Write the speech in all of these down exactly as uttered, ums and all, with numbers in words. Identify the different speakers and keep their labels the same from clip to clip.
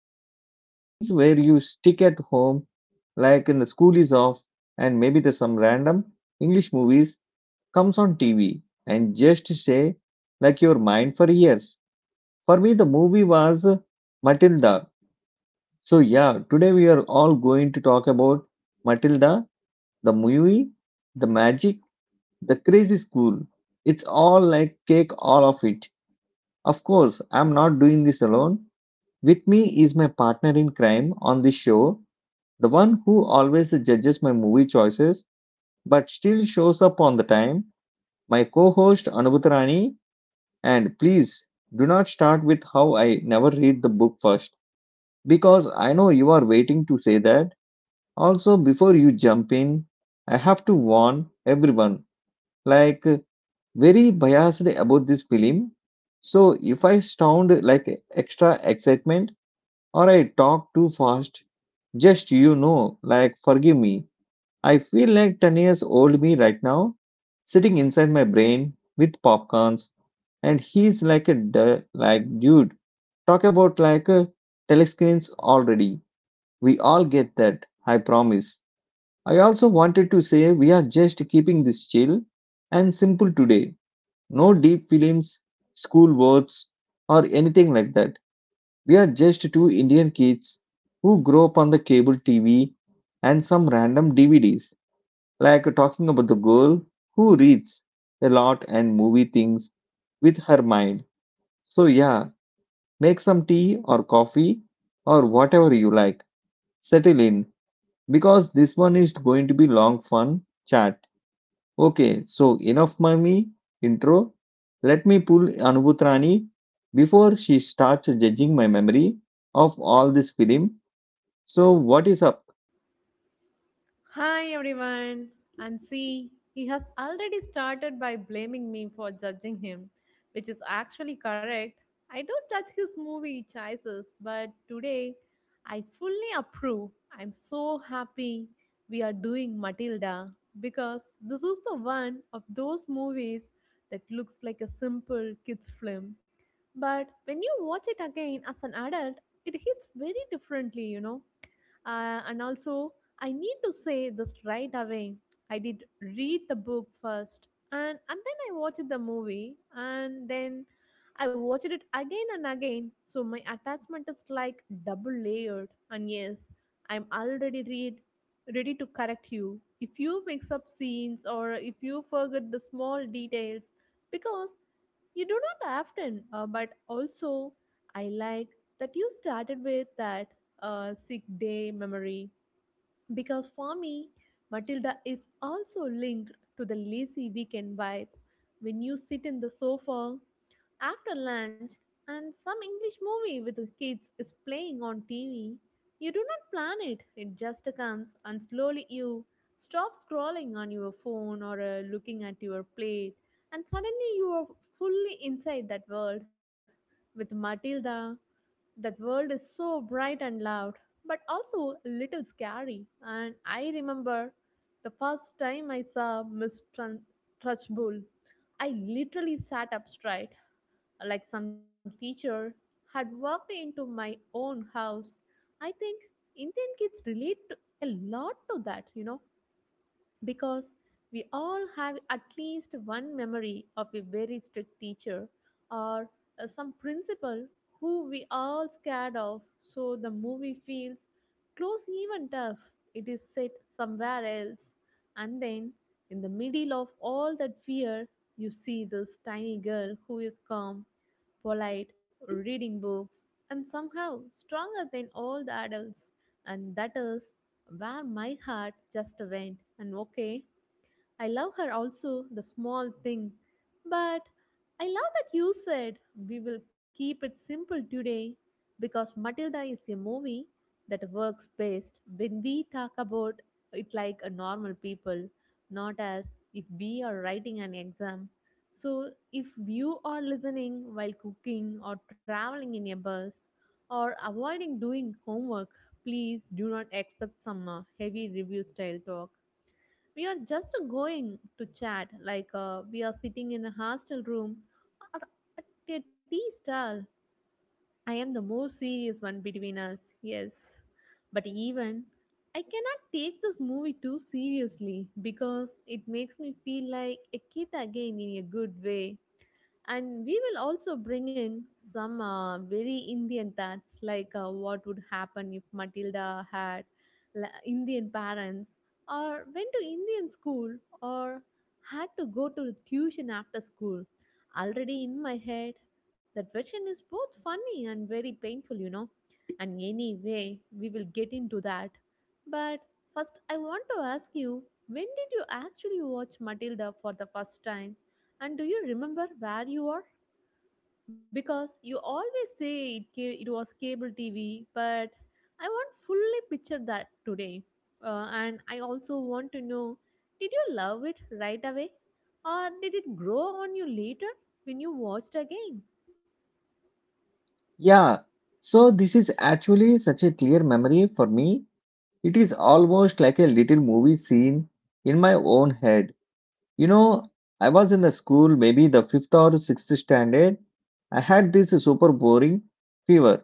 Speaker 1: You know that feelings where you stick at home, like in the school is off, and maybe there's some random English movies comes on T V and just stay like your mind for years. For me, the movie was Matilda. So, yeah, today we are all going to talk about Matilda, the movie, the magic, the crazy school. It's all like cake, all of it. Of course, I'm not doing this alone. With me is my partner in crime on this show, the one who always judges my movie choices but still shows up on the time, my co host Anubhutarani. And please do not start with how I never read the book first, because I know you are waiting to say that. Also, before you jump in, I have to warn everyone like, very biased about this film. So, if I sound like extra excitement or I talk too fast, just you know, like, forgive me. I feel like ten years old me right now, sitting inside my brain with popcorns, and he's like a du- like dude. Talk about like uh, telescreens already. We all get that, I promise. I also wanted to say we are just keeping this chill and simple today. No deep films, school words, or anything like that. We are just two Indian kids who grow up on the cable T V and some random D V Ds, like talking about the girl who reads a lot and movie things with her mind. So, yeah, make some tea or coffee or whatever you like. Settle in, because this one is going to be long fun chat. Okay, so enough mommy intro. Let me pull Anubhutrani before she starts judging my memory of all this film. So what is up?
Speaker 2: Hi everyone. And see, he has already started by blaming me for judging him, which is actually correct. I don't judge his movie choices, but today I fully approve. I'm so happy we are doing Matilda because this is the one of those movies that looks like a simple kids film. But when you watch it again as an adult, it hits very differently, you know uh, and also I need to say this right away. I did read the book first and, and then I watched the movie and then I watched it again and again. So my attachment is like double layered. And yes, I'm already read ready to correct you if you mix up scenes or if you forget the small details because you do not often uh, but also I like that you started with that uh, sick day memory because for me, Matilda is also linked to the lazy weekend vibe. When you sit in the sofa after lunch and some English movie with the kids is playing on T V, you do not plan it, it just comes and slowly you stop scrolling on your phone or uh, looking at your plate, and suddenly you are fully inside that world with Matilda. That world is so bright and loud, but also a little scary. And I remember the first time I saw Miss Trun- Trunchbull, I literally sat up straight, like some teacher had walked into my own house. I think Indian kids relate to, a lot to that, you know, because we all have at least one memory of a very strict teacher or uh, some principal who we all scared of, so the movie feels close even tough it is set somewhere else. And then in the middle of all that fear you see this tiny girl who is calm, polite, reading books, and somehow stronger than all the adults. And that is where my heart just went. And okay, I love her also, the small thing. But I love that you said we will keep it simple today because Matilda is a movie that works best when we talk about it like a normal people, not as if we are writing an exam. So if you are listening while cooking or traveling in a bus or avoiding doing homework, please do not expect some uh, heavy review style talk. We are just going to chat like uh, we are sitting in a hostel room or at a tea stall. I am the more serious one between us, yes. But even I cannot take this movie too seriously because it makes me feel like a kid again in a good way. And we will also bring in some uh, very indian thoughts, like uh, what would happen if matilda had la- indian parents, or went to indian school, or had to go to tuition after school. Already in my head that version is both funny and very painful, you know. And anyway, we will get into that, but first I want to ask you, when did you actually watch matilda for the first time, and do you remember where you are? Because you always say it, ca- it was cable T V, but I want fully picture that today. Uh, and I also want to know, did you love it right away? Or did it grow on you later when you watched again?
Speaker 1: Yeah, so this is actually such a clear memory for me. It is almost like a little movie scene in my own head. You know, I was in the school, maybe the fifth or sixth standard. I had this super boring fever.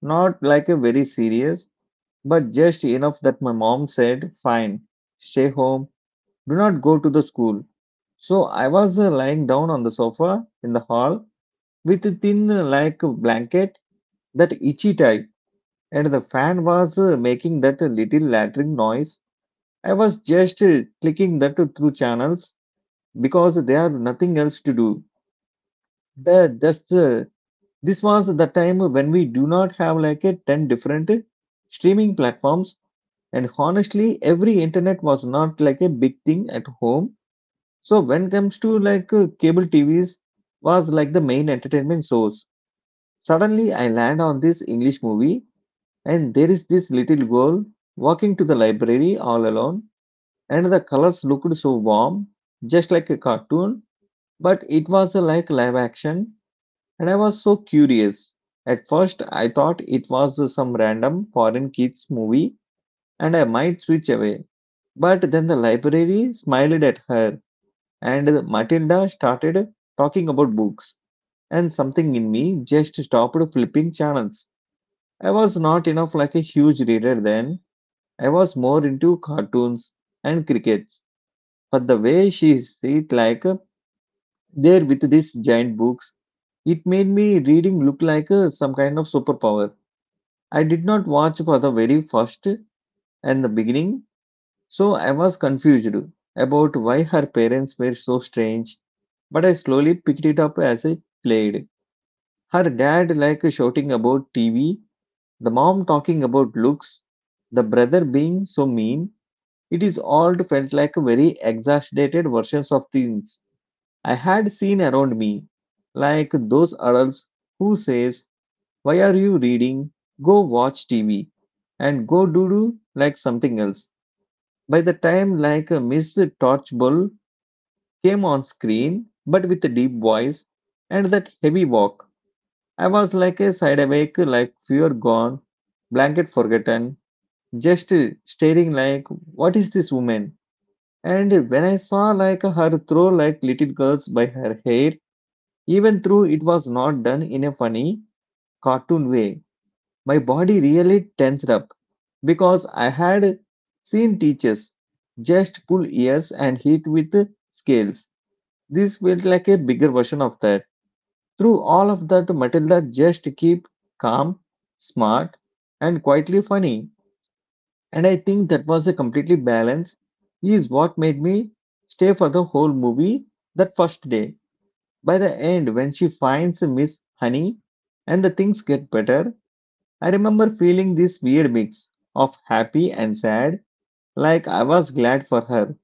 Speaker 1: Not like a very serious, but just enough that my mom said, fine, stay home, do not go to the school. So I was uh, lying down on the sofa in the hall with a thin, uh, like a blanket, that itchy type, and the fan was uh, making that uh, little lattering noise. I was just uh, clicking that uh, through channels because there are nothing else to do. The, just, uh, this was the time when we do not have like a ten different uh, streaming platforms. And honestly, every internet was not like a big thing at home. So when it comes to like uh, cable T Vs was like the main entertainment source. Suddenly I land on this English movie and there is this little girl walking to the library all alone, and the colors looked so warm, just like a cartoon, but it was uh, like live action, and I was so curious. At first I thought it was uh, some random foreign kids movie and I might switch away. But then the library smiled at her, and Matilda started talking about books. And something in me just stopped flipping channels. I was not enough like a huge reader then. I was more into cartoons and crickets. But the way she sit like uh, there with these giant books, it made me reading look like uh, some kind of superpower. I did not watch for the very first and the beginning, so I was confused about why her parents were so strange. But I slowly picked it up as I played. Her dad like shouting about T V, the mom talking about looks, the brother being so mean. It is all felt like very exaggerated versions of things I had seen around me. Like those adults who says, why are you reading? Go watch T V and go do do like something else. By the time like a Miss Torchbull came on screen, but with a deep voice and that heavy walk, I was like a side sideawake, like fear gone, blanket forgotten, just staring like, what is this woman? And when I saw like her throw like little girls by her hair, even though it was not done in a funny cartoon way, my body really tensed up because I had seen teachers just pull ears and hit with scales. This felt like a bigger version of that. Through all of that, Matilda just keep calm, smart, and quietly funny. And I think that was a completely balance is what made me stay for the whole movie that first day. By the end, when she finds Miss Honey and the things get better, I remember feeling this weird mix of happy and sad, like I was glad for her,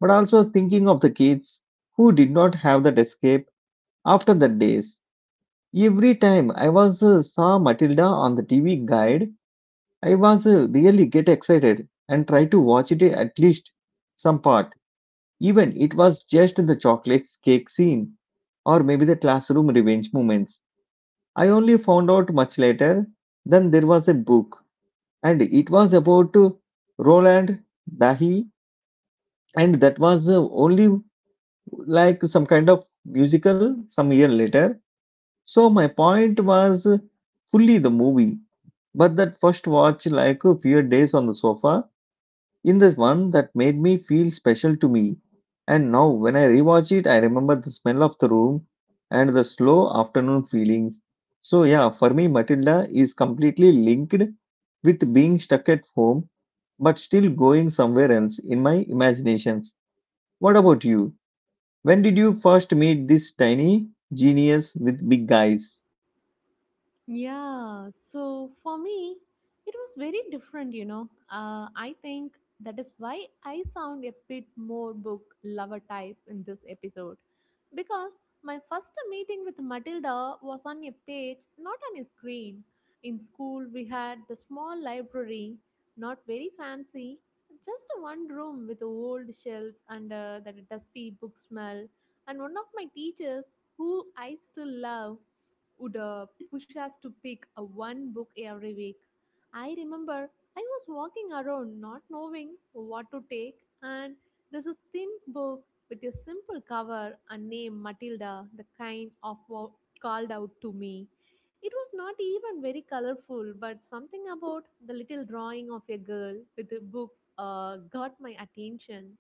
Speaker 1: but also thinking of the kids who did not have that escape after the days. Every time I was uh, saw Matilda on the T V guide, I was uh, really get excited and try to watch it at least some part. Even it was just in the chocolate cake scene or maybe the classroom revenge moments. I only found out much later then there was a book and it was about uh, Roland Dahi, and that was uh, only like some kind of musical some year later. So my point was uh, fully the movie. But that first watch, like a few days on the sofa, in this one that made me feel special to me. And now when I rewatch it, I remember the smell of the room and the slow afternoon feelings. So yeah, for me, Matilda is completely linked with being stuck at home, but still going somewhere else in my imaginations. What about you? When did you first meet this tiny genius with big eyes?
Speaker 2: Yeah, so for me, it was very different, you know. Uh, I think that is why I sound a bit more book lover type in this episode. Because my first meeting with Matilda was on a page, not on a screen. In school, we had the small library, not very fancy, just one room with old shelves and uh, that dusty book smell. And one of my teachers, who I still love, would uh, push us to pick a one book every week. I remember I was walking around not knowing what to take, and there's a thin book with a simple cover and name Matilda, the kind of wo- called out to me. It was not even very colorful, but something about the little drawing of a girl with the books uh, got my attention.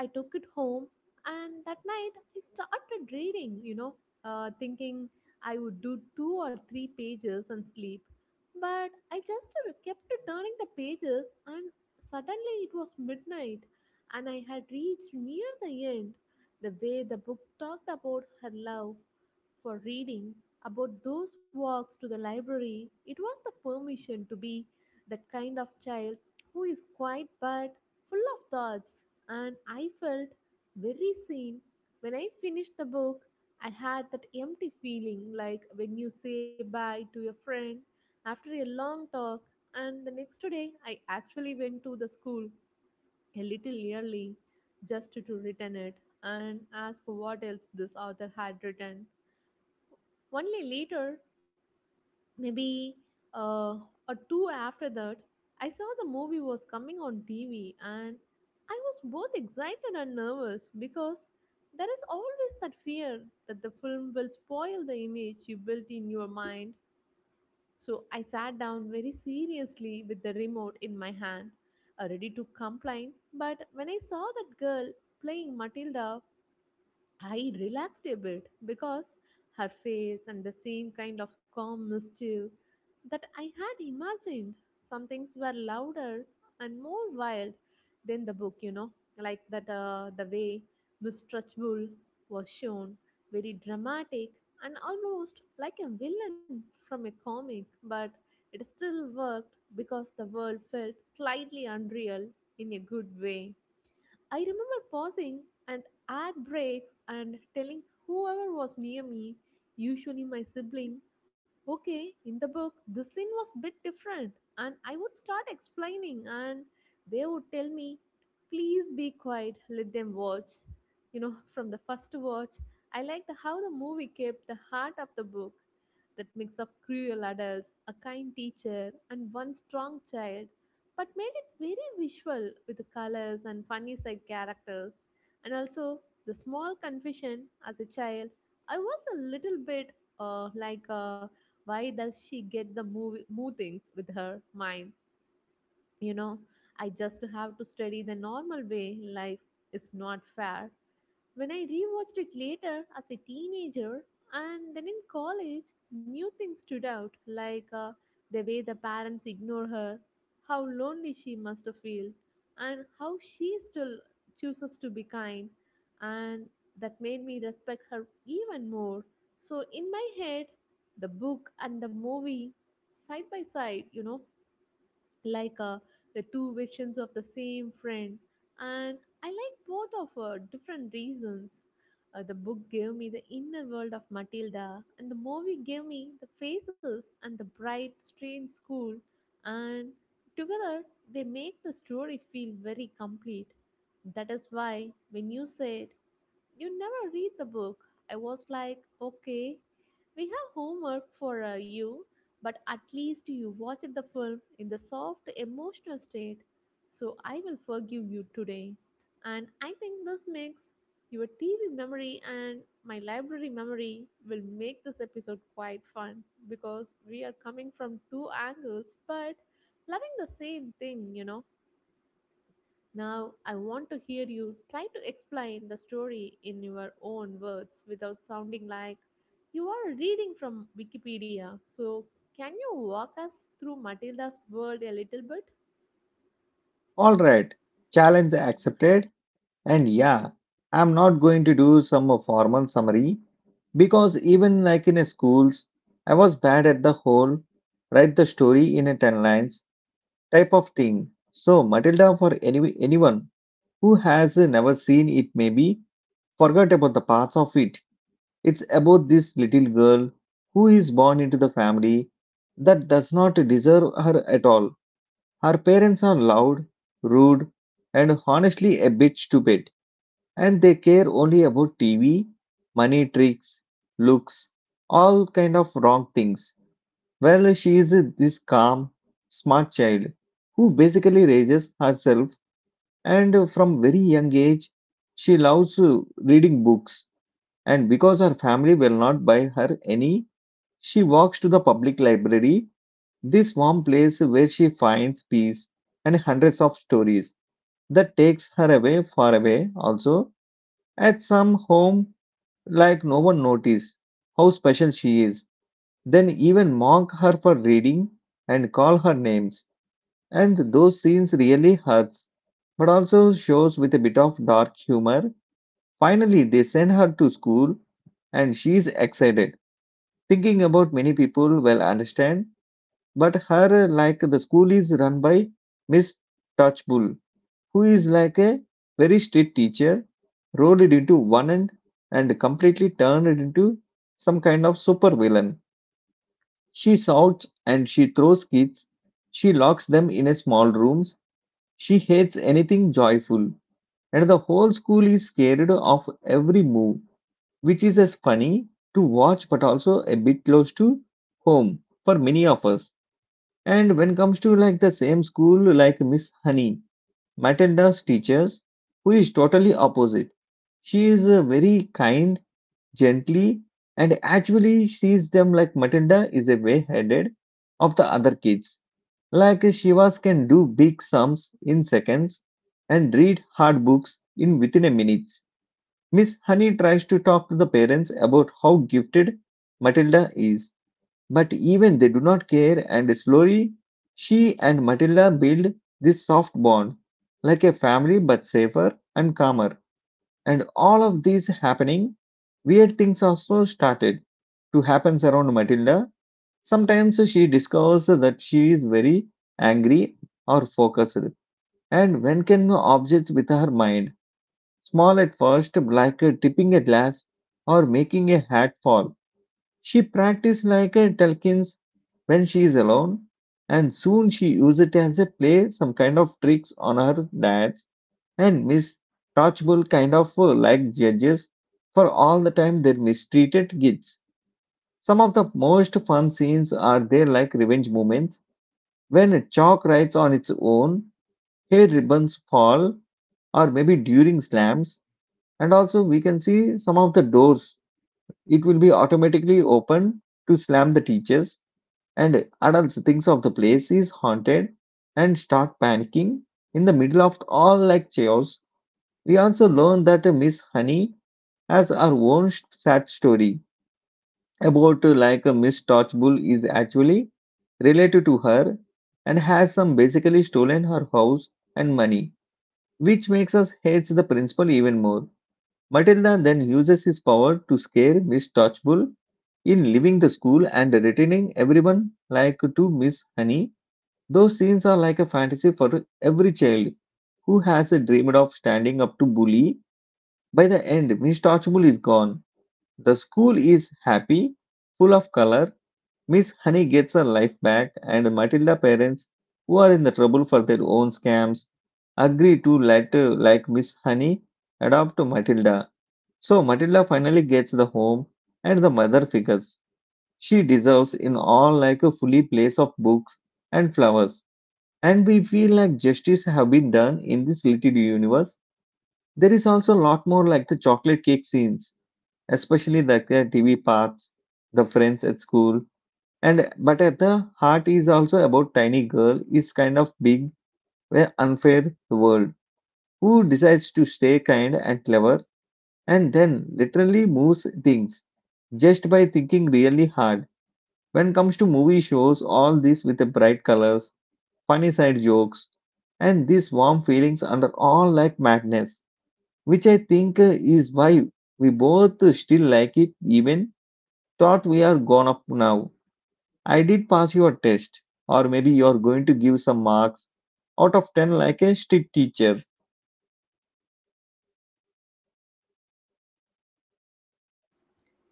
Speaker 2: I took it home, and that night I started reading, you know, uh, thinking I would do two or three pages and sleep. But I just kept turning the pages, and suddenly it was midnight, and I had reached near the end. The way the book talked about her love for reading, about those walks to the library, it was the permission to be that kind of child who is quiet but full of thoughts, and I felt very seen. When I finished the book, I had that empty feeling like when you say bye to a friend after a long talk, and the next day I actually went to the school a little early just to return it and ask what else this author had written. Only later, maybe uh, a two after that, I saw the movie was coming on T V, and I was both excited and nervous because there is always that fear that the film will spoil the image you built in your mind. So I sat down very seriously with the remote in my hand, uh, ready to complain. But when I saw that girl playing Matilda, I relaxed a bit because her face and the same kind of calm mischief that I had imagined. Some things were louder and more wild than the book, you know, like that uh, the way Miss Trunchbull was shown, very dramatic and almost like a villain from a comic, but it still worked because the world felt slightly unreal in a good way. I remember pausing and at breaks and telling whoever was near me, usually my sibling, okay, in the book, the scene was a bit different. And I would start explaining, and they would tell me, please be quiet, let them watch. You know, from the first watch, I liked how the movie kept the heart of the book, that mix of cruel adults, a kind teacher, and one strong child, but made it very visual with the colors and funny side characters. And also, the small confession, as a child, I was a little bit uh, like, uh, why does she get the movie, move things with her mind? You know, I just have to study the normal way. Life is not fair. When I rewatched it later as a teenager and then in college, new things stood out, like uh, the way the parents ignore her, how lonely she must feel, and how she still chooses to be kind, and that made me respect her even more. So in my head, the book and the movie side by side, you know, like uh, the two versions of the same friend, and I like both of for different reasons. Uh, the book gave me the inner world of matilda, and the movie gave me the faces and the bright strange school, and together they make the story feel very complete. That is why when you said you never read the book, I was like, okay, we have homework for uh, you, but at least you watched the film in the soft emotional state. So I will forgive you today. And I think this makes your T V memory and my library memory will make this episode quite fun because we are coming from two angles but loving the same thing, you know. Now, I want to hear you try to explain the story in your own words without sounding like you are reading from Wikipedia. So, can you walk us through Matilda's world a little bit?
Speaker 1: All right, challenge accepted. And yeah, I'm not going to do some uh, formal summary because even like in a schools, I was bad at the whole write the story in a ten lines type of thing. So Matilda for any, anyone who has uh, never seen it maybe forgot about the parts of it. It's about this little girl who is born into the family that does not deserve her at all. Her parents are loud, rude, and honestly a bit stupid, and they care only about T V, money tricks, looks, all kind of wrong things. Well, she is this calm, smart child who basically raises herself, and from very young age, she loves uh, reading books. And because her family will not buy her any, she walks to the public library, this warm place where she finds peace and hundreds of stories that takes her away far away, also at some home like no one noticed how special she is. Then even mock her for reading and call her names. And those scenes really hurts, but also shows with a bit of dark humor. Finally, they send her to school and she's excited, thinking about many people will understand. But her, like the school is run by Miss Touchbull, who is like a very strict teacher, rolled it into one end and completely turned it into some kind of super villain. She shouts and she throws kids. She locks them in a small rooms. She hates anything joyful. And the whole school is scared of every move, which is as funny to watch but also a bit close to home for many of us. And when comes to like the same school like Miss Honey, Matilda's teachers, who is totally opposite. She is uh, very kind, gently, and actually sees them like Matilda is a way ahead of the other kids. Like Shivas can do big sums in seconds and read hard books in within a minute. Miss Honey tries to talk to the parents about how gifted Matilda is, but even they do not care, and slowly she and Matilda build this soft bond, like a family but safer and calmer. And all of these happening, weird things also started to happen around Matilda. Sometimes she discovers that she is very angry or focused, and when can objects with her mind, small at first, like tipping a glass or making a hat fall, she practiced like a Telkins when she is alone, and soon she used it as a play some kind of tricks on her dads and Miss Touchable kind of uh, like judges for all the time they mistreated kids. Some of the most fun scenes are there like revenge moments when chalk writes on its own, hair ribbons fall, or maybe during slams. And also we can see some of the doors. It will be automatically open to slam the teachers, and adults thinks of the place is haunted and start panicking. In the middle of all like chaos, we also learn that uh, Miss Honey has her own sh- sad story about uh, like uh, Miss Touchbull is actually related to her and has some basically stolen her house and money, which makes us hate the principal even more. Matilda then uses his power to scare Miss Touchbull in leaving the school and returning everyone like to Miss Honey. Those scenes are like a fantasy for every child who has a dreamed of standing up to bully. By the end, Miss Touchable is gone. The school is happy, full of color. Miss Honey gets her life back, and Matilda parents, who are in the trouble for their own scams, agree to let uh, like Miss Honey adopt Matilda. So Matilda finally gets the home and the mother figures she deserves in all like a fully place of books and flowers, and we feel like justice have been done in this little universe. There is also a lot more like the chocolate cake scenes, especially the uh, TV parts, the friends at school. And but at the heart is also about tiny girl is kind of big where unfair world, who decides to stay kind and clever and then literally moves things just by thinking really hard. When comes to movie shows all this with the bright colors, funny side jokes, and these warm feelings under all like madness, which I think uh, is why we both still like it, even thought we are gone up now. I did pass your test, or maybe you're going to give some marks out of ten like a strict teacher.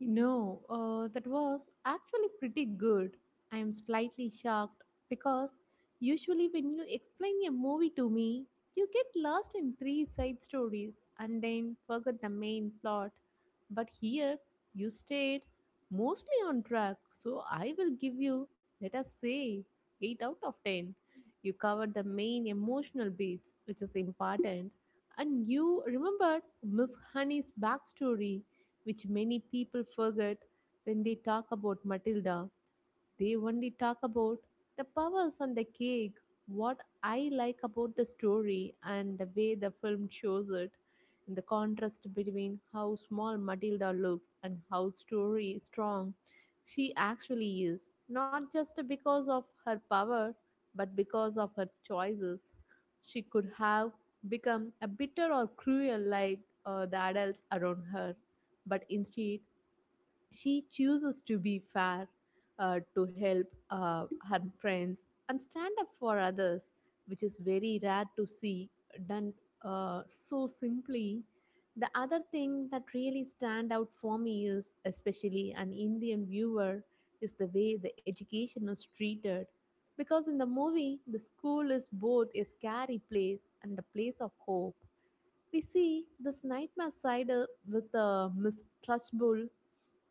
Speaker 2: No, uh, that was actually pretty good. I am slightly shocked because usually when you explain a movie to me, you get lost in three side stories and then forget the main plot. But here, you stayed mostly on track, so I will give you, let us say, eight out of ten. You covered the main emotional beats, which is important, and you remembered Miss Honey's backstory, which many people forget when they talk about Matilda. They only talk about the powers on the cake. What I like about the story and the way the film shows it, and the contrast between how small Matilda looks and how story strong she actually is, not just because of her power, but because of her choices. She could have become a bitter or cruel like uh, the adults around her, but instead she chooses to be fair, uh, to help uh, her friends, and stand up for others, which is very rare to see done uh, so simply. The other thing that really stand out for me is, especially an Indian viewer, is the way the education is treated. Because in the movie, the school is both a scary place and a place of hope. We see this nightmare side uh, with the mistrustful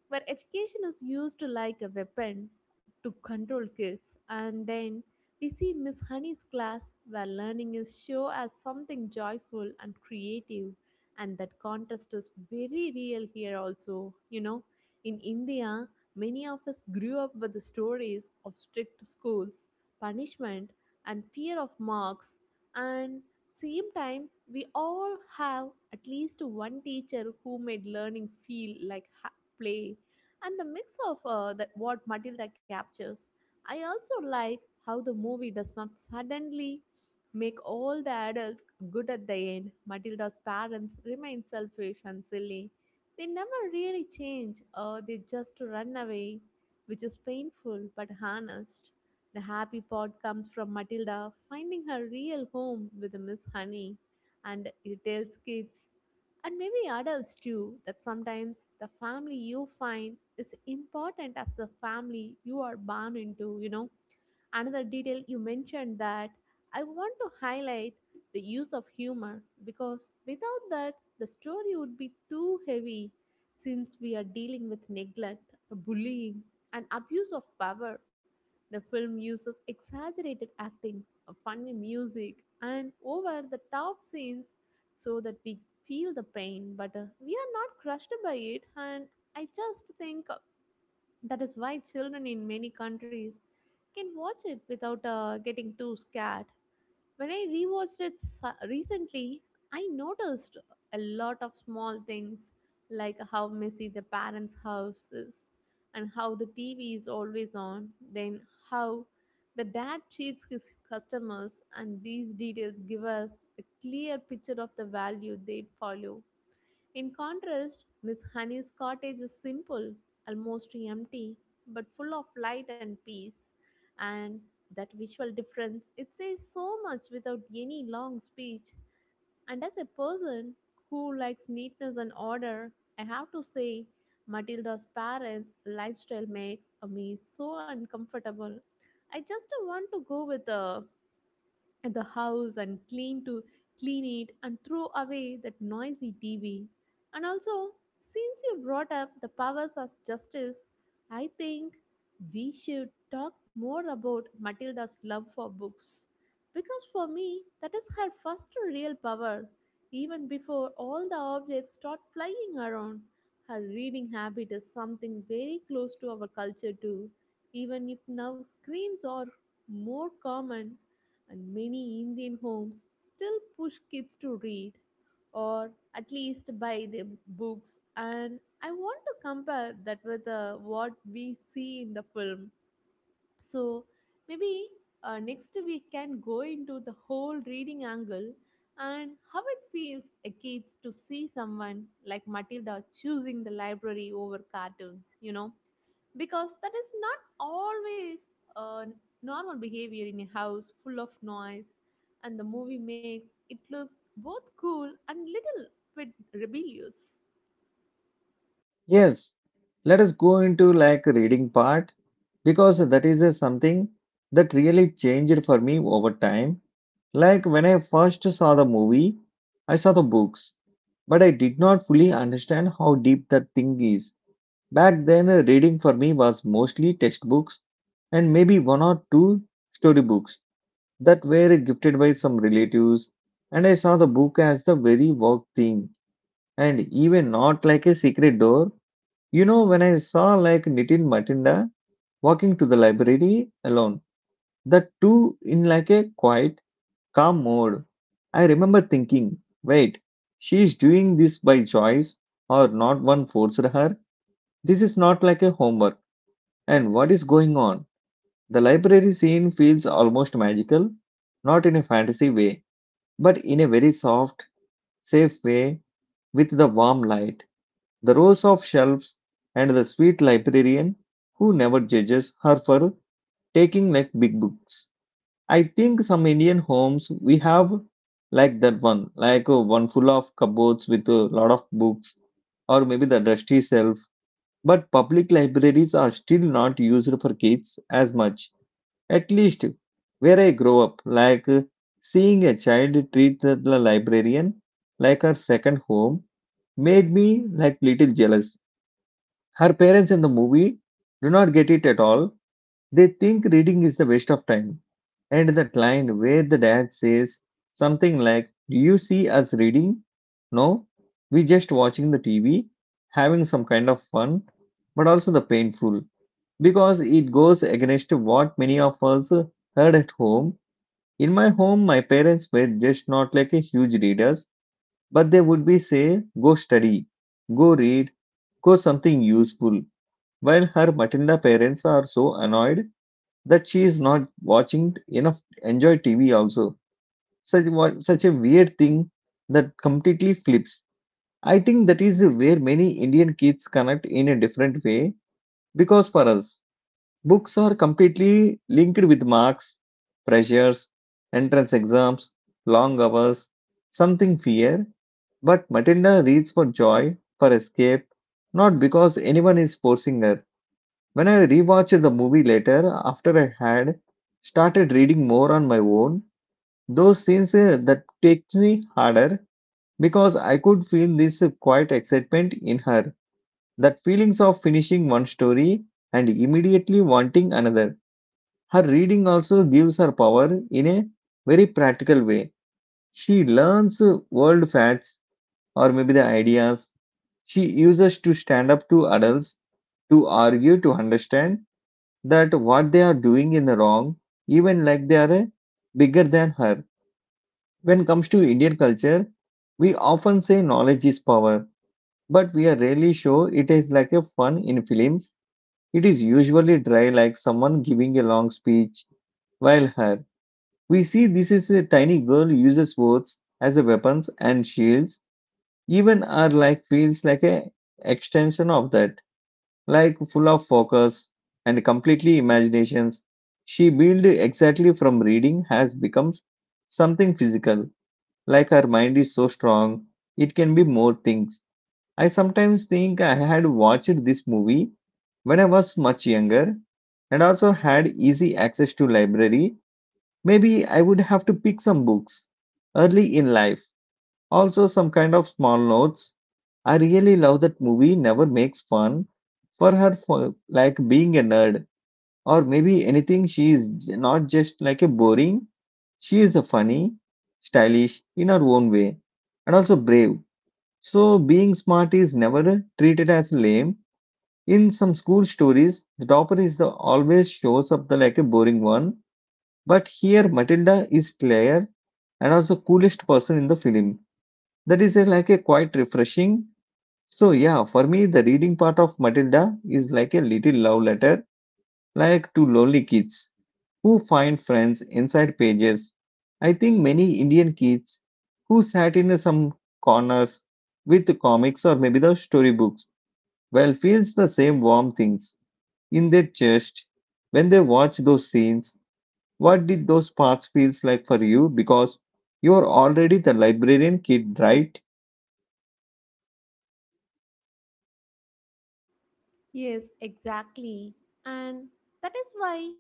Speaker 2: where education is used like a weapon to control kids. And then we see Miss Honey's class, where learning is shown as something joyful and creative. And that contrast is very real here, also. You know, in India, many of us grew up with the stories of strict schools, punishment, and fear of marks. And same time, we all have at least one teacher who made learning feel like ha- play and the mix of uh, that what Matilda captures. I also like how the movie does not suddenly make all the adults good at the end. Matilda's parents remain selfish and silly. They never really change, or they just run away, which is painful but honest. The happy part comes from Matilda finding her real home with Miss Honey, and it tells kids and maybe adults too, that sometimes the family you find is important as the family you are born into, you know. Another detail you mentioned that I want to highlight the use of humor because without that, the story would be too heavy since we are dealing with neglect, bullying, and abuse of power. The film uses exaggerated acting, a funny music, and over the top scenes so that we feel the pain, but uh, we are not crushed by it. And I just think that is why children in many countries can watch it without uh, getting too scared. When I rewatched it s- recently, I noticed a lot of small things like how messy the parents' house is and how the T V is always on, then how the dad cheats his customers, and these details give us a clear picture of the value they follow. In contrast, Miss Honey's cottage is simple, almost empty, but full of light and peace. And that visual difference, it says so much without any long speech. And as a person who likes neatness and order, I have to say, Matilda's parents' lifestyle makes me so uncomfortable. I just want to go with uh, at the house and clean to clean it and throw away that noisy T V. And also, since you brought up the powers of justice, I think we should talk more about Matilda's love for books. Because for me, that is her first real power. Even before all the objects start flying around, her reading habit is something very close to our culture too. Even if now screens are more common and many Indian homes still push kids to read or at least buy them books. And I want to compare that with uh, what we see in the film. So maybe uh, next we can go into the whole reading angle and how it feels a kids to see someone like Matilda choosing the library over cartoons, you know, because that is not always a normal behavior in a house full of noise, and the movie makes it looks both cool and little bit rebellious.
Speaker 1: Yes, let us go into like reading part because that is uh, something that really changed for me over time. Like when I first saw the movie, I saw the books but I did not fully understand how deep that thing is. Back then, uh, reading for me was mostly textbooks and maybe one or two storybooks that were gifted by some relatives, and I saw the book as the very work thing, and even not like a secret door. You know, when I saw like Nitin Matinda walking to the library alone, the two in like a quiet calm mode. I remember thinking, wait, she is doing this by choice or not one forced her? This is not like a homework. And what is going on? The library scene feels almost magical, not in a fantasy way, but in a very soft, safe way with the warm light, the rows of shelves, and the sweet librarian who never judges her for taking like big books. I think some Indian homes we have like that one, like uh, one full of cupboards with a lot of books, or maybe the dusty shelf. But public libraries are still not used for kids as much, at least where I grow up. Like uh, seeing a child treat the the librarian like her second home made me like little jealous. Her parents in the movie do not get it at all, they think reading is a waste of time. And that line where the dad says something like, "Do you see us reading? No, we just watching the T V, having some kind of fun," but also the painful because it goes against what many of us heard at home. In my home, my parents were just not like a huge readers, but they would be say, "Go study, go read, go something useful." While her Matilda parents are so annoyed that she is not watching enough enjoy T V also. Such wa- such a weird thing that completely flips. I think that is where many Indian kids connect in a different way because for us, books are completely linked with marks, pressures, entrance exams, long hours, something fear. But Matilda reads for joy, for escape, not because anyone is forcing her. When I rewatched the movie later, after I had started reading more on my own, those scenes uh, that takes me harder because I could feel this uh, quiet excitement in her, that feelings of finishing one story and immediately wanting another. Her reading also gives her power in a very practical way. She learns uh, world facts or maybe the ideas she uses to stand up to adults to argue to understand that what they are doing in the wrong, even like they are uh, bigger than her. When it comes to Indian culture, we often say knowledge is power, but we are rarely sure it is like a fun in films. It is usually dry, like someone giving a long speech. While her, we see this is a tiny girl uses words as a weapons and shields. Even our like feels like a extension of that, like full of focus and completely imaginations she built exactly from reading has become something physical, like her mind is so strong it can be more things. I sometimes think I had watched this movie when I was much younger and also had easy access to library, maybe I would have to pick some books early in life, also some kind of small notes. I really love that movie never makes fun for her for like being a nerd or maybe anything. she is j- not just like a boring, she is a funny, stylish in her own way, and also brave. So being smart is never treated as lame. In some school stories the topper is the always shows up the like a boring one, but here Matilda is clear and also coolest person in the film. That is a, like a quite refreshing. So yeah, for me the reading part of Matilda is like a little love letter, like to lonely kids who find friends inside pages. I think many Indian kids who sat in some corners with the comics or maybe the storybooks well feels the same warm things in their chest when they watch those scenes. What did those parts feels like for you? Because you are already the librarian kid, right?
Speaker 2: Yes, exactly. And that is why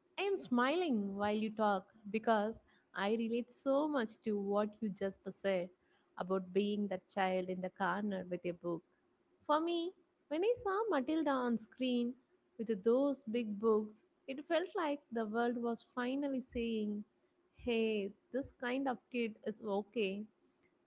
Speaker 2: I am smiling while you talk because I relate so much to what you just said about being that child in the corner with a book. For me, when I saw Matilda on screen with those big books, it felt like the world was finally saying, hey, this kind of kid is okay.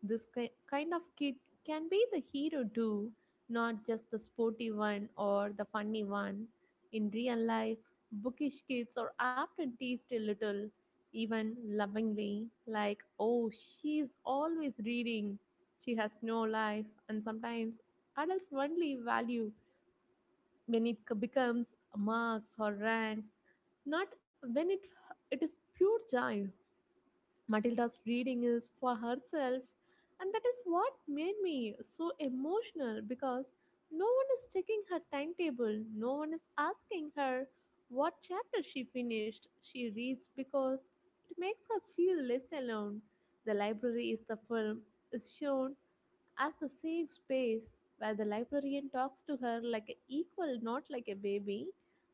Speaker 2: This ki- kind of kid can be the hero too, not just the sporty one or the funny one. In real life, bookish kids are often teased a little, even lovingly, like, oh, she is always reading, she has no life, and sometimes adults only value when it c- becomes marks or ranks, not when it it is pure joy. Matilda's reading is for herself, and that is what made me so emotional because no one is checking her timetable, no one is asking her what chapter she finished. She reads because it makes her feel less alone. The library is the film is shown as the safe space where the librarian talks to her like an equal, not like a baby.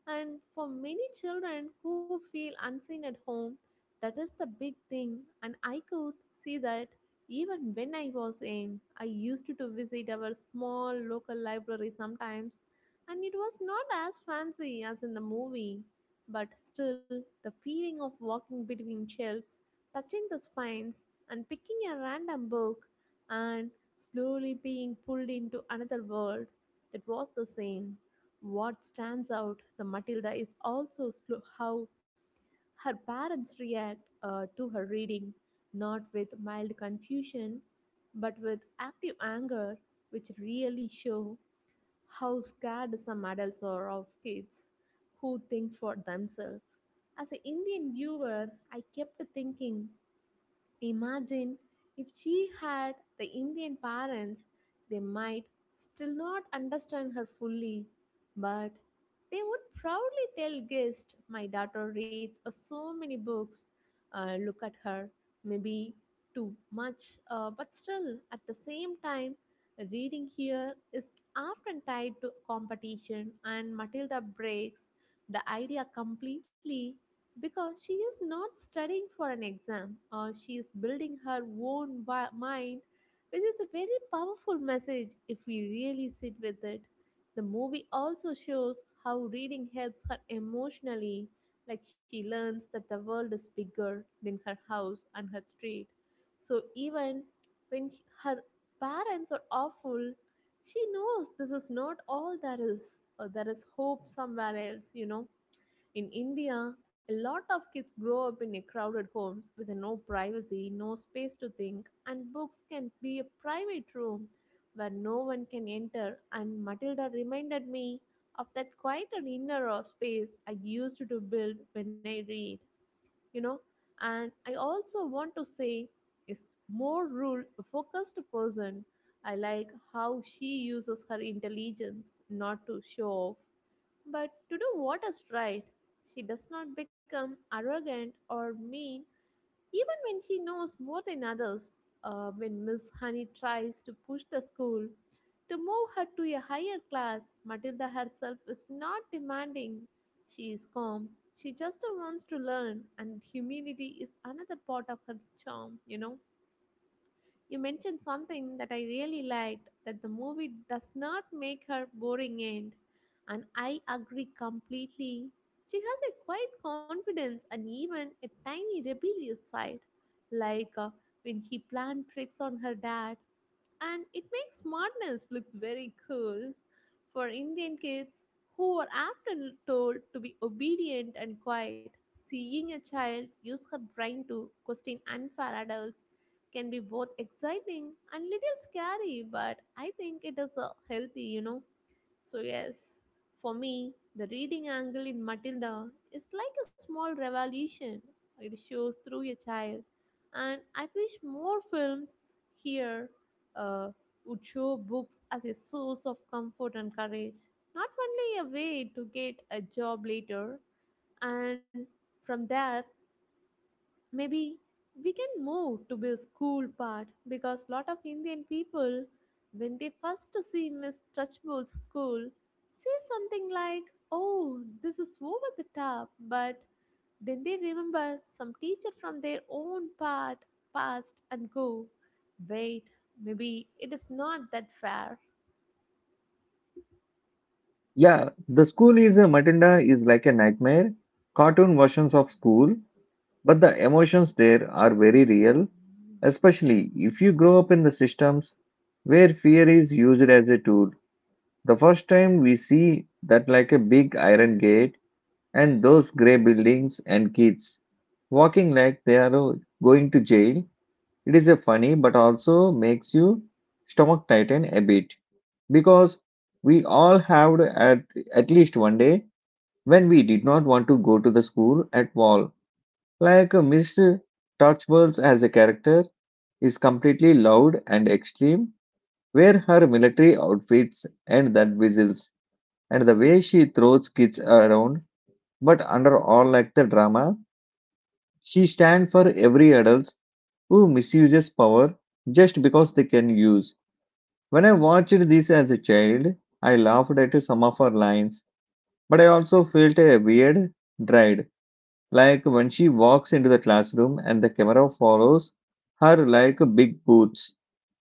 Speaker 2: And for many children who feel unseen at home, that is the big thing. And I could see that even when I was young, I used to visit our small local library sometimes, and it was not as fancy as in the movie. But still, the feeling of walking between shelves, touching the spines, and picking a random book and slowly being pulled into another world, that was the same. What stands out, the Matilda, is also slow, how her parents react uh, to her reading, not with mild confusion, but with active anger, which really show how scared some adults are of kids who think for themselves. As an Indian viewer, I kept thinking, imagine if she had the Indian parents, they might still not understand her fully, but they would proudly tell guests, my daughter reads uh, so many books. Uh, look at her. Maybe too much, uh, but still, at the same time, reading here is often tied to competition, and Matilda breaks the idea completely because she is not studying for an exam or she is building her own wi- mind, which is a very powerful message if we really sit with it. The movie also shows how reading helps her emotionally, like she learns that the world is bigger than her house and her street. So even when she- her parents are awful, she knows this is not all there is or there is hope somewhere else, you know. In India, a lot of kids grow up in a crowded homes with no privacy, no space to think, and books can be a private room where no one can enter. And Matilda reminded me of that quiet and inner of space I used to build when I read, you know. And I also want to say is more rule focused person. I like how she uses her intelligence not to show off but to do what is right. She does not become arrogant or mean even when she knows more than others. Uh, when Miss Honey tries to push the school to move her to a higher class, Matilda herself is not demanding. She is calm. She just wants to learn, and humility is another part of her charm, you know. You mentioned something that I really liked, that the movie does not make her boring end. And I agree completely. She has a quiet confidence and even a tiny rebellious side. Like uh, when she planned tricks on her dad, and it makes smartness looks very cool for Indian kids who are often told to be obedient and quiet. Seeing a child use her brain to question unfair adults can be both exciting and little scary, but I think it is uh, healthy, you know. So, yes, for me, the reading angle in Matilda is like a small revolution. It shows through a child, and I wish more films here uh, would show books as a source of comfort and courage, not only a way to get a job later. And from there, maybe we can move to the school part because lot of Indian people, when they first see Miss Touchbull's school, say something like, oh, this is over the top, but then they remember some teacher from their own part past and go, wait, maybe it is not that fair.
Speaker 1: Yeah, the school is a Matinda is like a nightmare. Cartoon versions of school, but the emotions there are very real, especially if you grow up in the systems where fear is used as a tool. The first time we see that like a big iron gate and those grey buildings and kids walking like they are uh, going to jail, it is a funny but also makes you stomach tighten a bit because we all have at at least one day when we did not want to go to the school at all. Like uh, Missus Touchballs as a character is completely loud and extreme, where her military outfits and that whistles and the way she throws kids around, but under all like the drama, she stands for every adult who misuses power just because they can use. When I watched this as a child, I laughed at some of her lines, but I also felt a weird dread. Like when she walks into the classroom and the camera follows her like big boots.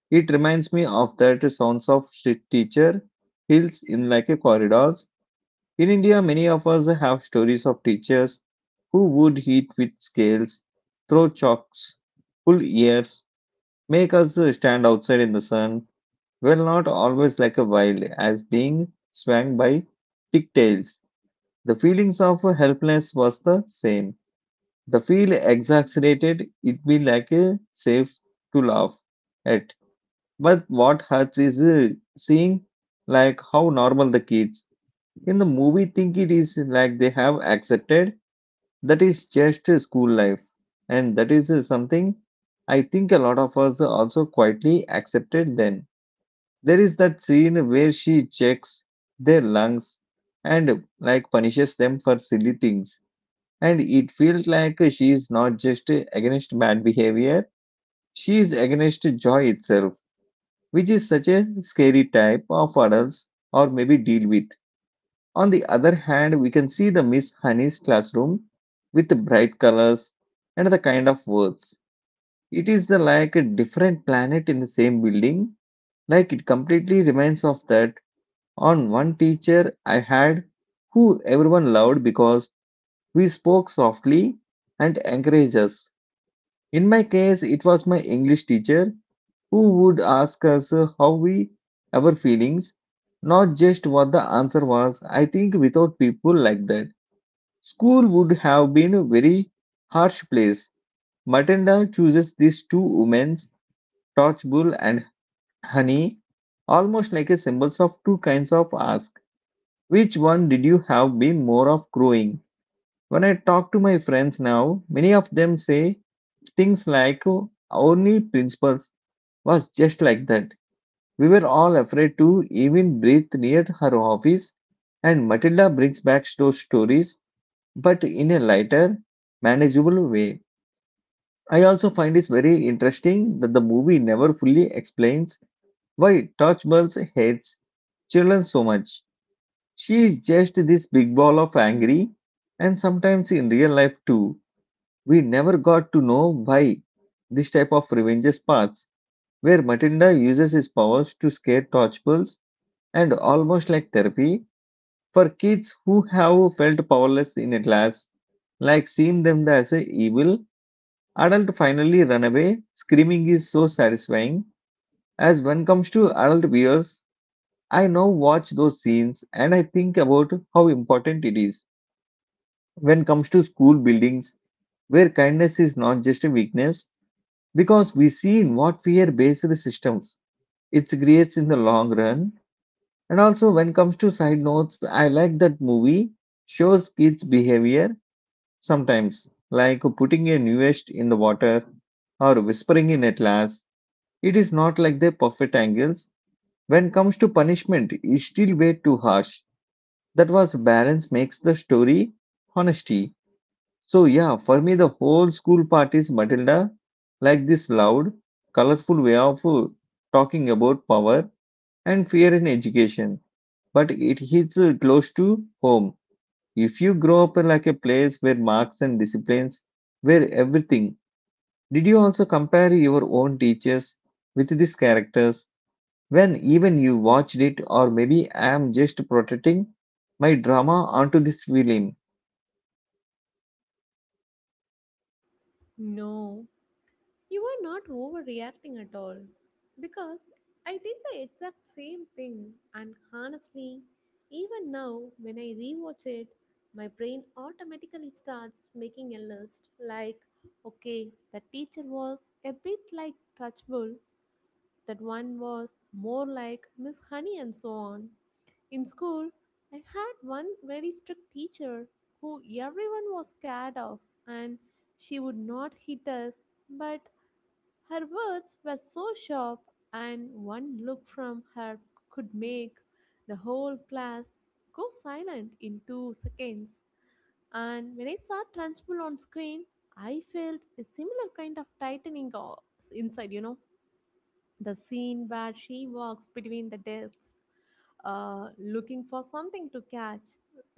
Speaker 1: It reminds me of that sounds of strict teacher heels in like a corridors. In India, many of us have stories of teachers who would hit with scales, throw chalks, pull ears, make us stand outside in the sun. Well, not always like a wild as being swung by pigtails. The feelings of helplessness was the same. The feel exaggerated, it be like a safe to laugh at. But what hurts is uh, seeing like how normal the kids in the movie think it is, like they have accepted that is just a school life. And that is uh, something I think a lot of us also quietly accepted then. There is that scene where she checks their lungs and like punishes them for silly things, and it feels like she is not just against bad behavior, she is against joy itself, which is such a scary type of adults or maybe deal with. On the other hand we can see the Miss Honey's classroom with the bright colors and the kind of words. It is the like a different planet in the same building. Like it completely reminds of that on one teacher I had, who everyone loved because we spoke softly and encouraged us. In my case, it was my English teacher who would ask us uh, how we our feelings, not just what the answer was. I think without people like that, school would have been a very harsh place. Matenda chooses these two women, Torchbull and Honey, almost like a symbols of two kinds of ask. Which one did you have been more of growing? When I talk to my friends now, many of them say things like, "Oh, only principles was just like that. We were all afraid to even breathe near her office, and Matilda brings back those stories, but in a lighter, manageable way. I also find it very interesting that the movie never fully explains why Touchbull hates children so much. She is just this big ball of angry, and sometimes in real life too. We never got to know why this type of revenge paths, where Matilda uses his powers to scare Torchbulls and almost like therapy for kids who have felt powerless in a class, like seeing them as a evil adult finally run away. Screaming is so satisfying. As when comes to adult viewers, I now watch those scenes and I think about how important it is when comes to school buildings where kindness is not just a weakness because we see in what fear-based systems it creates in the long run. And also, when comes to side notes, I like that movie shows kids' behavior sometimes, like putting a newest in the water or whispering in a class. It is not like the perfect angles. When comes to punishment, it's still way too harsh. That was balance makes the story honesty. So yeah, for me the whole school part is Matilda, like this loud, colorful way of uh, talking about power and fear in education, but it hits uh, close to home. If you grow up in like a place where marks and disciplines were everything, did you also compare your own teachers with these characters when even you watched it, or maybe I am just protecting my drama onto this film?
Speaker 2: No, you are not overreacting at all because I did the exact same thing, and honestly, even now when I rewatch it, my brain automatically starts making a list like, okay, the teacher was a bit like Touchable, that one was more like Miss Honey, and so on. In school, I had one very strict teacher who everyone was scared of, and she would not hit us, but her words were so sharp, and one look from her could make the whole class go silent in two seconds. And when I saw Trunchbull on screen, I felt a similar kind of tightening o- inside, you know. The scene where she walks between the desks uh, looking for something to catch,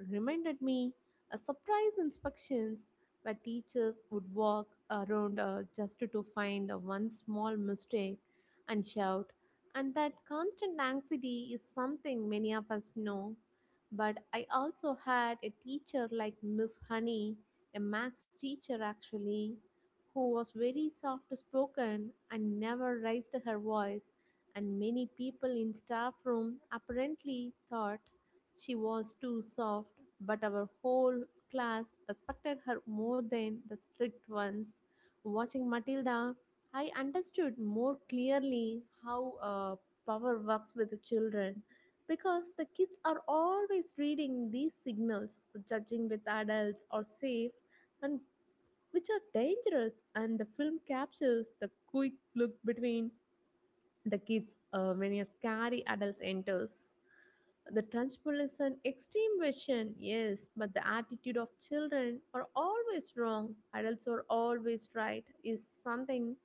Speaker 2: reminded me a surprise inspections where teachers would walk around uh, just to find uh, one small mistake and shout. And that constant anxiety is something many of us know. But I also had a teacher like Miss Honey, a maths teacher actually, who was very soft spoken and never raised her voice, and many people in staff room apparently thought she was too soft, but our whole class respected her more than the strict ones. Watching Matilda, I understood more clearly how uh, power works with the children because the kids are always reading these signals, judging with adults are safe and which are dangerous, and the film captures the quick look between the kids uh, when a scary adult enters. The Trunchbull is an extreme version, yes, but the attitude of children are always wrong, adults are always right, is something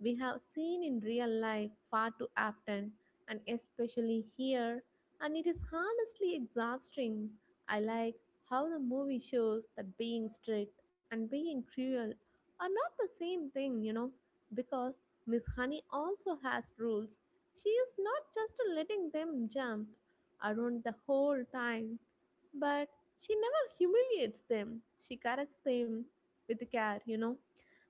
Speaker 2: we have seen in real life far too often, and especially here, and it is honestly exhausting. I like how the movie shows that being strict and being cruel are not the same thing, you know, because Miss Honey also has rules. She is not just letting them jump around the whole time, but she never humiliates them. She corrects them with care, you know.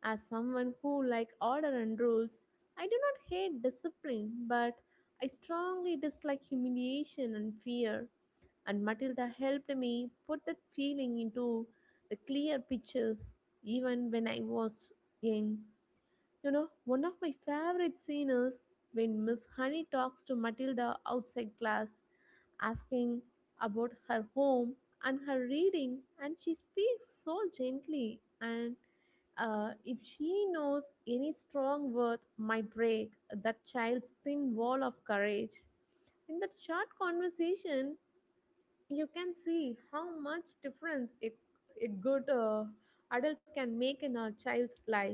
Speaker 2: As someone who like order and rules, I do not hate discipline, but I strongly dislike humiliation and fear. And Matilda helped me put that feeling into the clear pictures, even when I was young. You know, one of my favorite scenes is when Miss Honey talks to Matilda outside class, asking about her home and her reading, and she speaks so gently and, uh, if she knows any strong word might break that child's thin wall of courage. In that short conversation, you can see how much difference a, a good uh, adult can make in a child's life,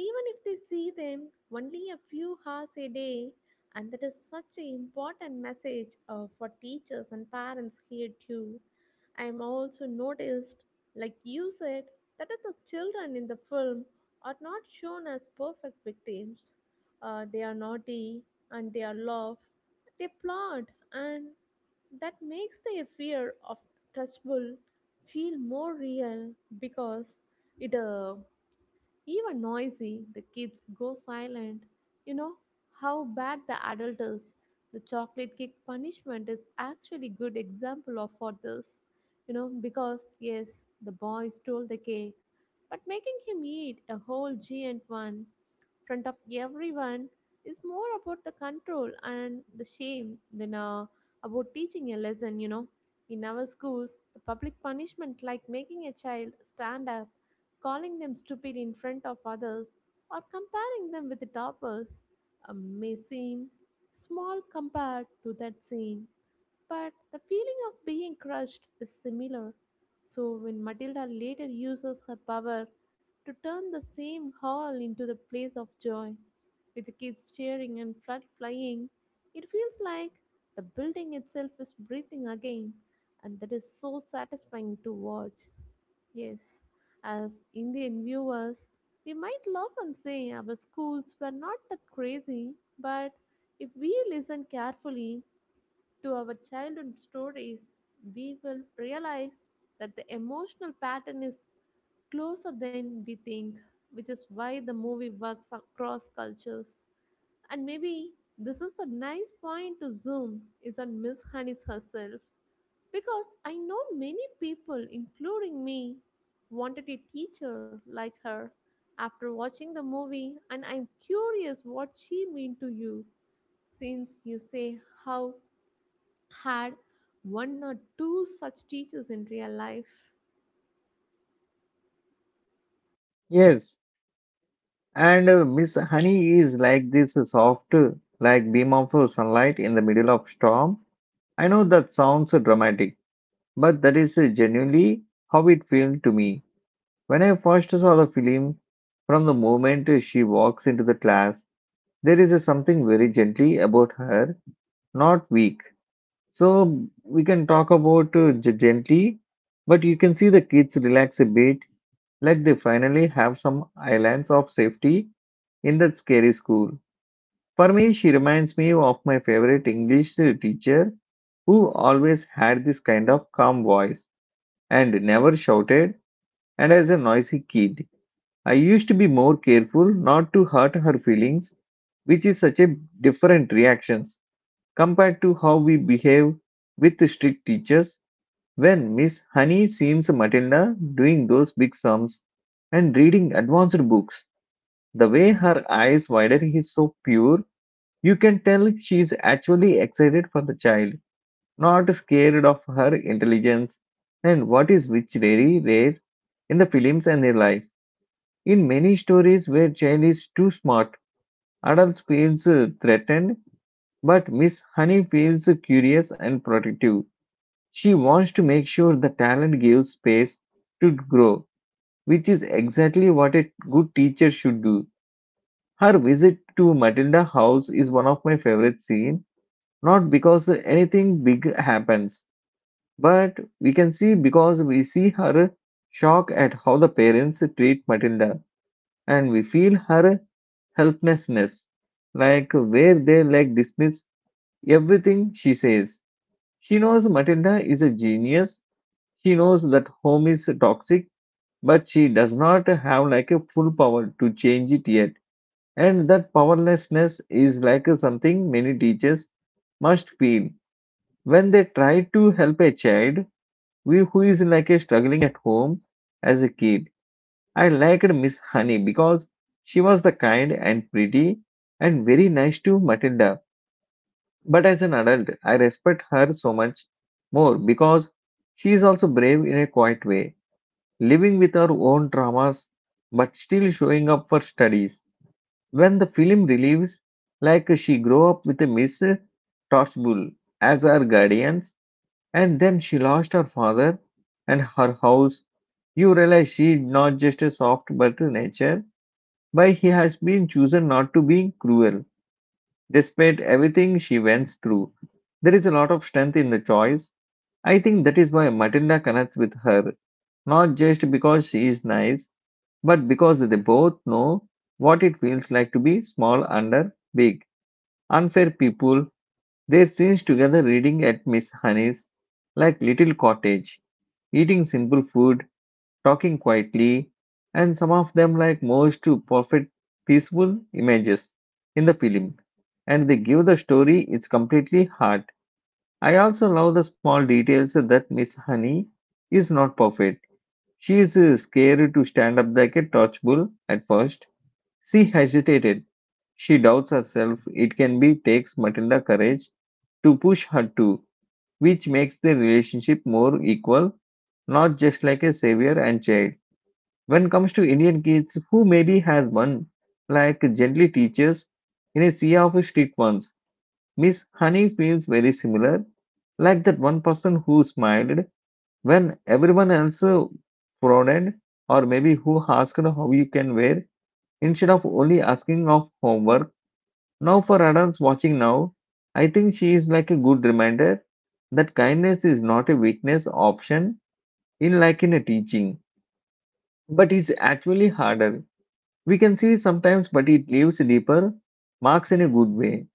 Speaker 2: even if they see them only a few hours a day. And that is such an important message, uh, for teachers and parents here too. I am also noticed, like you said, that the children in the film are not shown as perfect victims. Uh, they are naughty and they are love, they plot, and that makes their fear of touchable feel more real, because it uh, Even noisy, the kids go silent, you know how bad the adult is. The chocolate cake punishment is actually good example of for this, you know, because yes, the boy stole the cake, but making him eat a whole giant one front of everyone is more about the control and the shame than, uh, about teaching a lesson, you know. In our schools, the public punishment, like making a child stand up, calling them stupid in front of others, or comparing them with the toppers, uh, may seem small compared to that scene, but the feeling of being crushed is similar. So when Matilda later uses her power to turn the same hall into the place of joy, with the kids cheering and flood flying, it feels like the building itself is breathing again, and that is so satisfying to watch. Yes, as Indian viewers, we might laugh and say our schools were not that crazy, but if we listen carefully to our childhood stories, we will realize that the emotional pattern is closer than we think, which is why the movie works across cultures. And maybe this is a nice point to zoom is on Miss Honey's herself. Because I know many people, including me, wanted a teacher like her after watching the movie, and I'm curious what she meant to you, since you say how had one or two such teachers in real life.
Speaker 1: Yes, and uh, Miss Honey is like this uh, soft, uh, like beam of uh, sunlight in the middle of storm. I know that sounds uh, dramatic, but that is uh, genuinely how it felt to me. When I first saw the film, from the moment she walks into the class, there is a something very gently about her, not weak. So we can talk about uh, g- gently, but you can see the kids relax a bit, like they finally have some islands of safety in that scary school. For me, she reminds me of my favorite English teacher who always had this kind of calm voice and never shouted and as a noisy kid. I used to be more careful not to hurt her feelings, which is such a different reactions compared to how we behave with strict teachers when Miss Honey seems Matilda doing those big sums and reading advanced books. The way her eyes widen is so pure, you can tell she is actually excited for the child, not scared of her intelligence, and what is which very rare in the films and in life. In many stories where child is too smart, adults feels uh, threatened, but Miss Honey feels curious and protective. She wants to make sure the talent gives space to grow, which is exactly what a good teacher should do. Her visit to Matilda House is one of my favorite scenes, not because anything big happens, but we can see because we see her shock at how the parents treat Matilda, and we feel her helplessness, like where they like dismiss everything she says. She knows Matilda is a genius. She knows that home is toxic, but she does not have like a full power to change it yet. And that powerlessness is like something many teachers must feel when they try to help a child we- who is like a struggling at home as a kid. I liked Miss Honey because she was the kind and pretty and very nice to Matilda. But as an adult, I respect her so much more because she is also brave in a quiet way, living with her own traumas but still showing up for studies. When the film relieves, like she grew up with a Miss Torchbull as her guardians, and then she lost her father and her house. You realize she is not just a soft but a nature, but he has been chosen not to be cruel. Despite everything she went through, there is a lot of strength in the choice. I think that is why Matilda connects with her, not just because she is nice, but because they both know what it feels like to be small under big, unfair people. Their scenes together reading at Miss Honey's, like little cottage, eating simple food, talking quietly, and some of them like merge to perfect peaceful images in the film, and they give the story its completely heart. I also love the small details that Miss Honey is not perfect. She is uh, scared to stand up like a torch bull at first. She hesitated. She doubts herself. It can be takes Matilda courage to push her too, which makes the relationship more equal, not just like a savior and child. When comes to Indian kids who maybe has one, like gently teaches in a sea of strict ones, Miss Honey feels very similar, like that one person who smiled when everyone else uh, frowned, or maybe who asked how you can wear instead of only asking of homework. Now for adults watching now, I think she is like a good reminder that kindness is not a weakness option in like in a teaching, but it's actually harder. We can see sometimes, but it leaves deeper marks in a good way.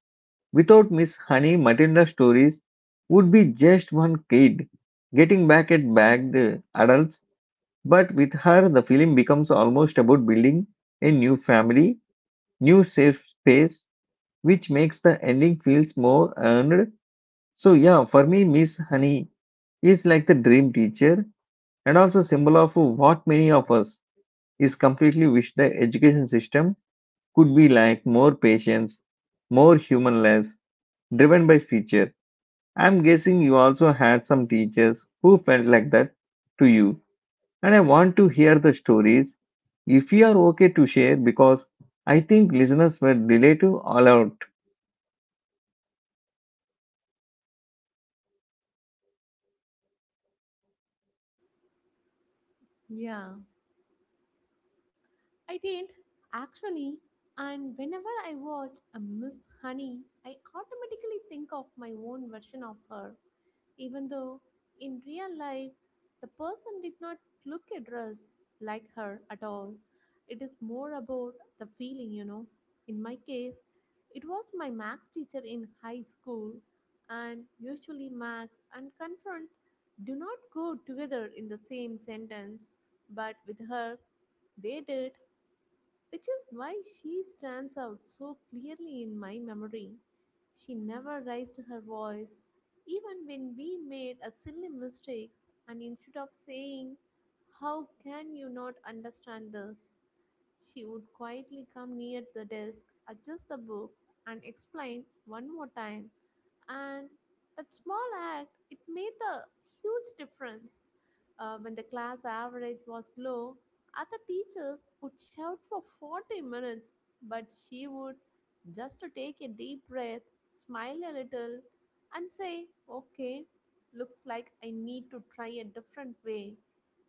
Speaker 1: Without Miss Honey, Matilda's stories would be just one kid getting back at bagged adults, but with her, the film becomes almost about building a new family, new safe space, which makes the ending feels more earned. So, yeah, for me, Miss Honey is like the dream teacher and also symbol of what many of us is completely wish the education system could be like more patience, more humanless, driven by feature. I'm guessing you also had some teachers who felt like that to you. And I want to hear the stories if you are okay to share because I think listeners were delayed to all out.
Speaker 2: Yeah, I did actually. And whenever I watch a Miss Honey, I automatically think of my own version of her, even though in real life the person did not look a dress like her at all. It is more about the feeling, you know. In my case, it was my max teacher in high school, and usually max and confront do not go together in the same sentence, but with her, they did, which is why she stands out so clearly in my memory. She never raised her voice, even when we made a silly mistakes, and instead of saying, "How can you not understand this?" she would quietly come near the desk, adjust the book, and explain one more time. And that small act, it made a huge difference. Uh, when the class average was low, other teachers would shout for forty minutes, but she would just to take a deep breath, smile a little, and say, "Okay, looks like I need to try a different way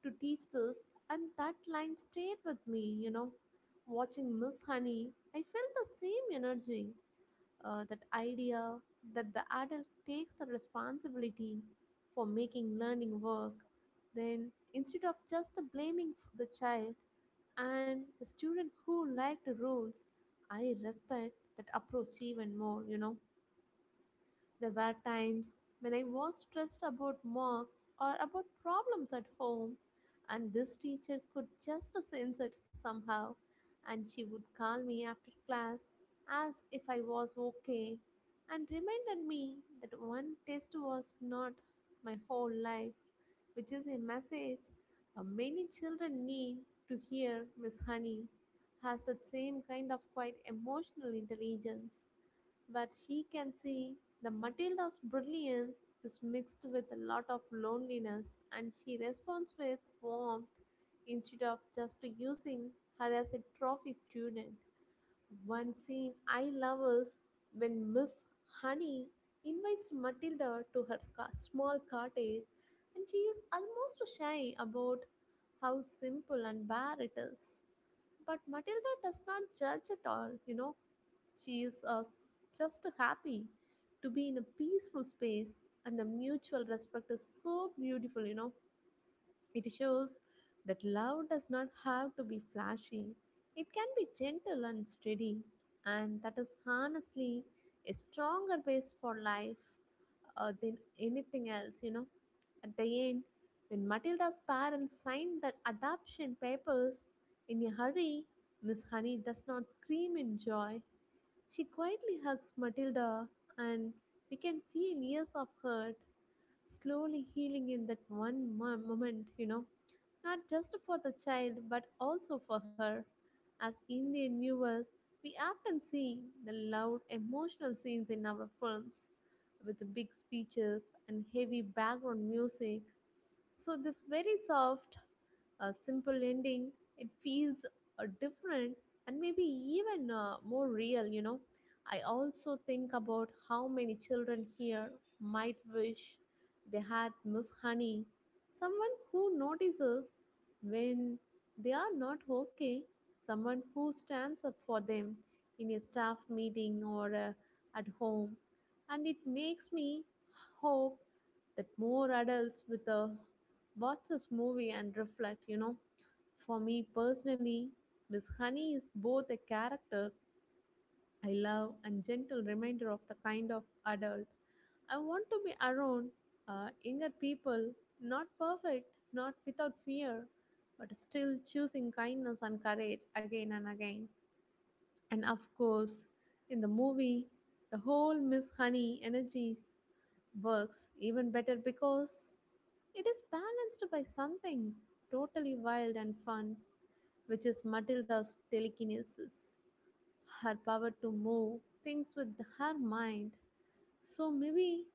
Speaker 2: to teach this." And that line stayed with me, you know. Watching Miss Honey, I felt the same energy, uh, that idea that the adult takes the responsibility for making learning work. Then, instead of just blaming f- the child and the student who liked the rules, I respect that approach even more, you know. There were times when I was stressed about marks or about problems at home, and this teacher could just sense it somehow, and she would call me after class, ask if I was okay, and reminded me that one test was not my whole life, which is a message, uh, many children need to hear. Miss Honey has that same kind of quite emotional intelligence where she can see the Matilda's brilliance is mixed with a lot of loneliness, and she responds with warmth instead of just using her as a trophy student. One scene I love is when Miss Honey invites Matilda to her ca- small cottage, and she is almost shy about how simple and bare it is. But Matilda does not judge at all, you know. She is uh, just happy to be in a peaceful space, and the mutual respect is so beautiful, you know. It shows that love does not have to be flashy, it can be gentle and steady, and that is honestly a stronger base for life, uh, than anything else, you know. At the end, when Matilda's parents signed the adoption papers in a hurry, Miss Honey does not scream in joy. She quietly hugs Matilda, and we can feel years of hurt slowly healing in that one mo- moment, you know, not just for the child but also for her. As Indian viewers, we often see the loud emotional scenes in our films with big speeches and heavy background music. So, this very soft a simple ending, it feels, uh, different, and maybe even, uh, more real, you know. I also think about how many children here might wish they had Miss Honey, someone who notices when they are not okay, someone who stands up for them in a staff meeting or, uh, at home. And it makes me hope that more adults with a watch this movie and reflect, you know. For me personally, Miss Honey is both a character I love and gentle reminder of the kind of adult I want to be around, uh, younger people, not perfect, not without fear, but still choosing kindness and courage again and again. And of course, in the movie, the whole Miss Honey energies works even better because it is balanced by something totally wild and fun, which is Matilda's telekinesis, her power to move things with her mind. So maybe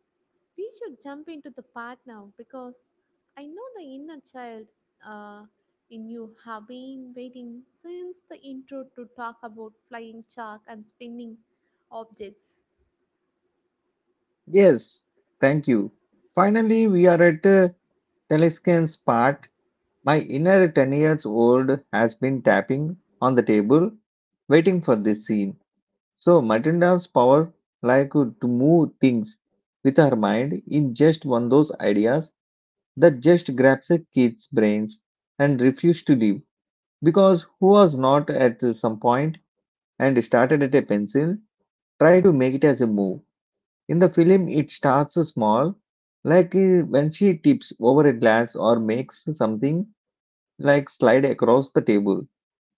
Speaker 2: we should jump into the part now because I know the inner child, uh, in you have been waiting since the intro to talk about flying chalk and spinning objects.
Speaker 1: Yes, thank you. Finally, we are at uh, Telescan's part. My inner ten years old has been tapping on the table, waiting for this scene. So Matilda's power like uh, to move things with her mind in just one those ideas that just grabs a kid's brains and refuse to leave because who was not at some point and started at a pencil try to make it as a move in the film it starts small like uh, when she tips over a glass or makes something like slide across the table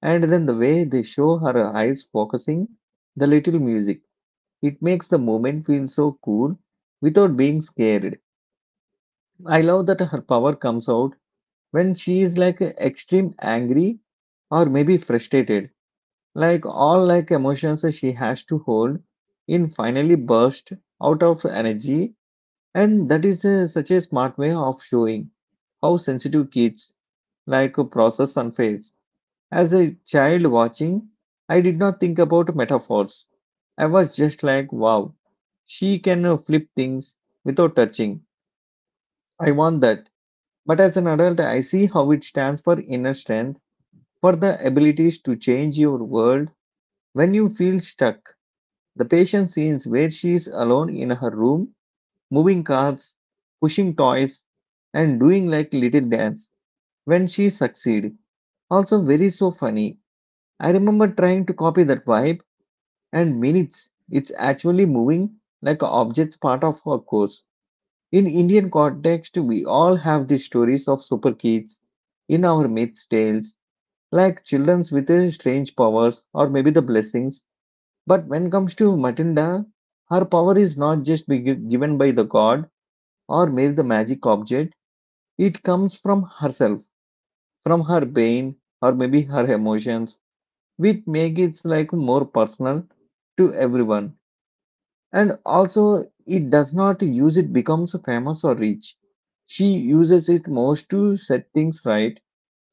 Speaker 1: and then the way they show her eyes focusing the little music it makes the moment feel so cool without being scared. I love that her power comes out when she is like extreme angry or maybe frustrated. Like all like emotions she has to hold in finally burst out of energy and that is uh, such a smart way of showing how sensitive kids like process and face. As a child watching, I did not think about metaphors. I was just like, wow, she can uh, flip things without touching. I want that. But as an adult, I see how it stands for inner strength, for the abilities to change your world when you feel stuck. The patient scenes where she is alone in her room, moving cards, pushing toys, and doing like little dance when she succeed. Also very so funny. I remember trying to copy that vibe and minutes. It's actually moving like objects part of our course. In Indian context, we all have the stories of super kids in our myths tales, like childrens with uh, strange powers or maybe the blessings. But when comes to Matilda, her power is not just be gi- given by the god or maybe the magic object. It comes from herself, from her brain or maybe her emotions, which make it like more personal to everyone. And also, it does not use it becomes famous or rich. She uses it most to set things right,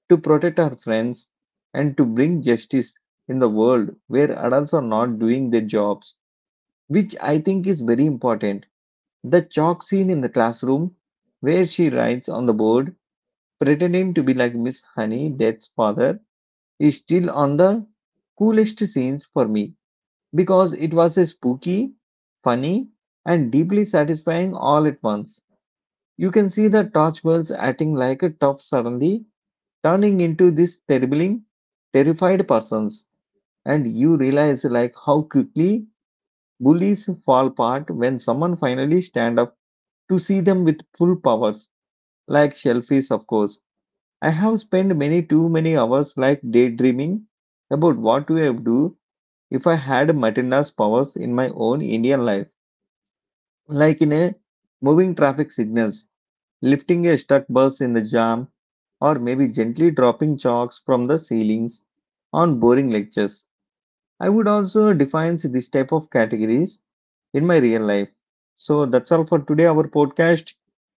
Speaker 1: to protect her friends, and to bring justice in the world where adults are not doing their jobs, which I think is very important. The chalk scene in the classroom, where she writes on the board, pretending to be like Miss Honey, Death's father, is still on the coolest scenes for me because it was a spooky, funny, and deeply satisfying all at once. You can see the Torchwells acting like a tough suddenly turning into this terribling, terrified persons, and you realize like how quickly bullies fall apart when someone finally stand up to see them with full powers, like shellfish, of course. I have spent many too many hours like daydreaming about what we would do if I had Matilda's powers in my own Indian life like in a moving traffic signals, lifting a stuck bus in the jam, or maybe gently dropping chalks from the ceilings on boring lectures. I would also define this type of categories in my real life. So that's all for today, our podcast.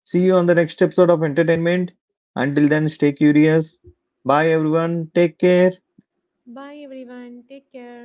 Speaker 1: See you on the next episode of entertainment. Until then, stay curious. Bye, everyone. Take care.
Speaker 2: Bye everyone, take care.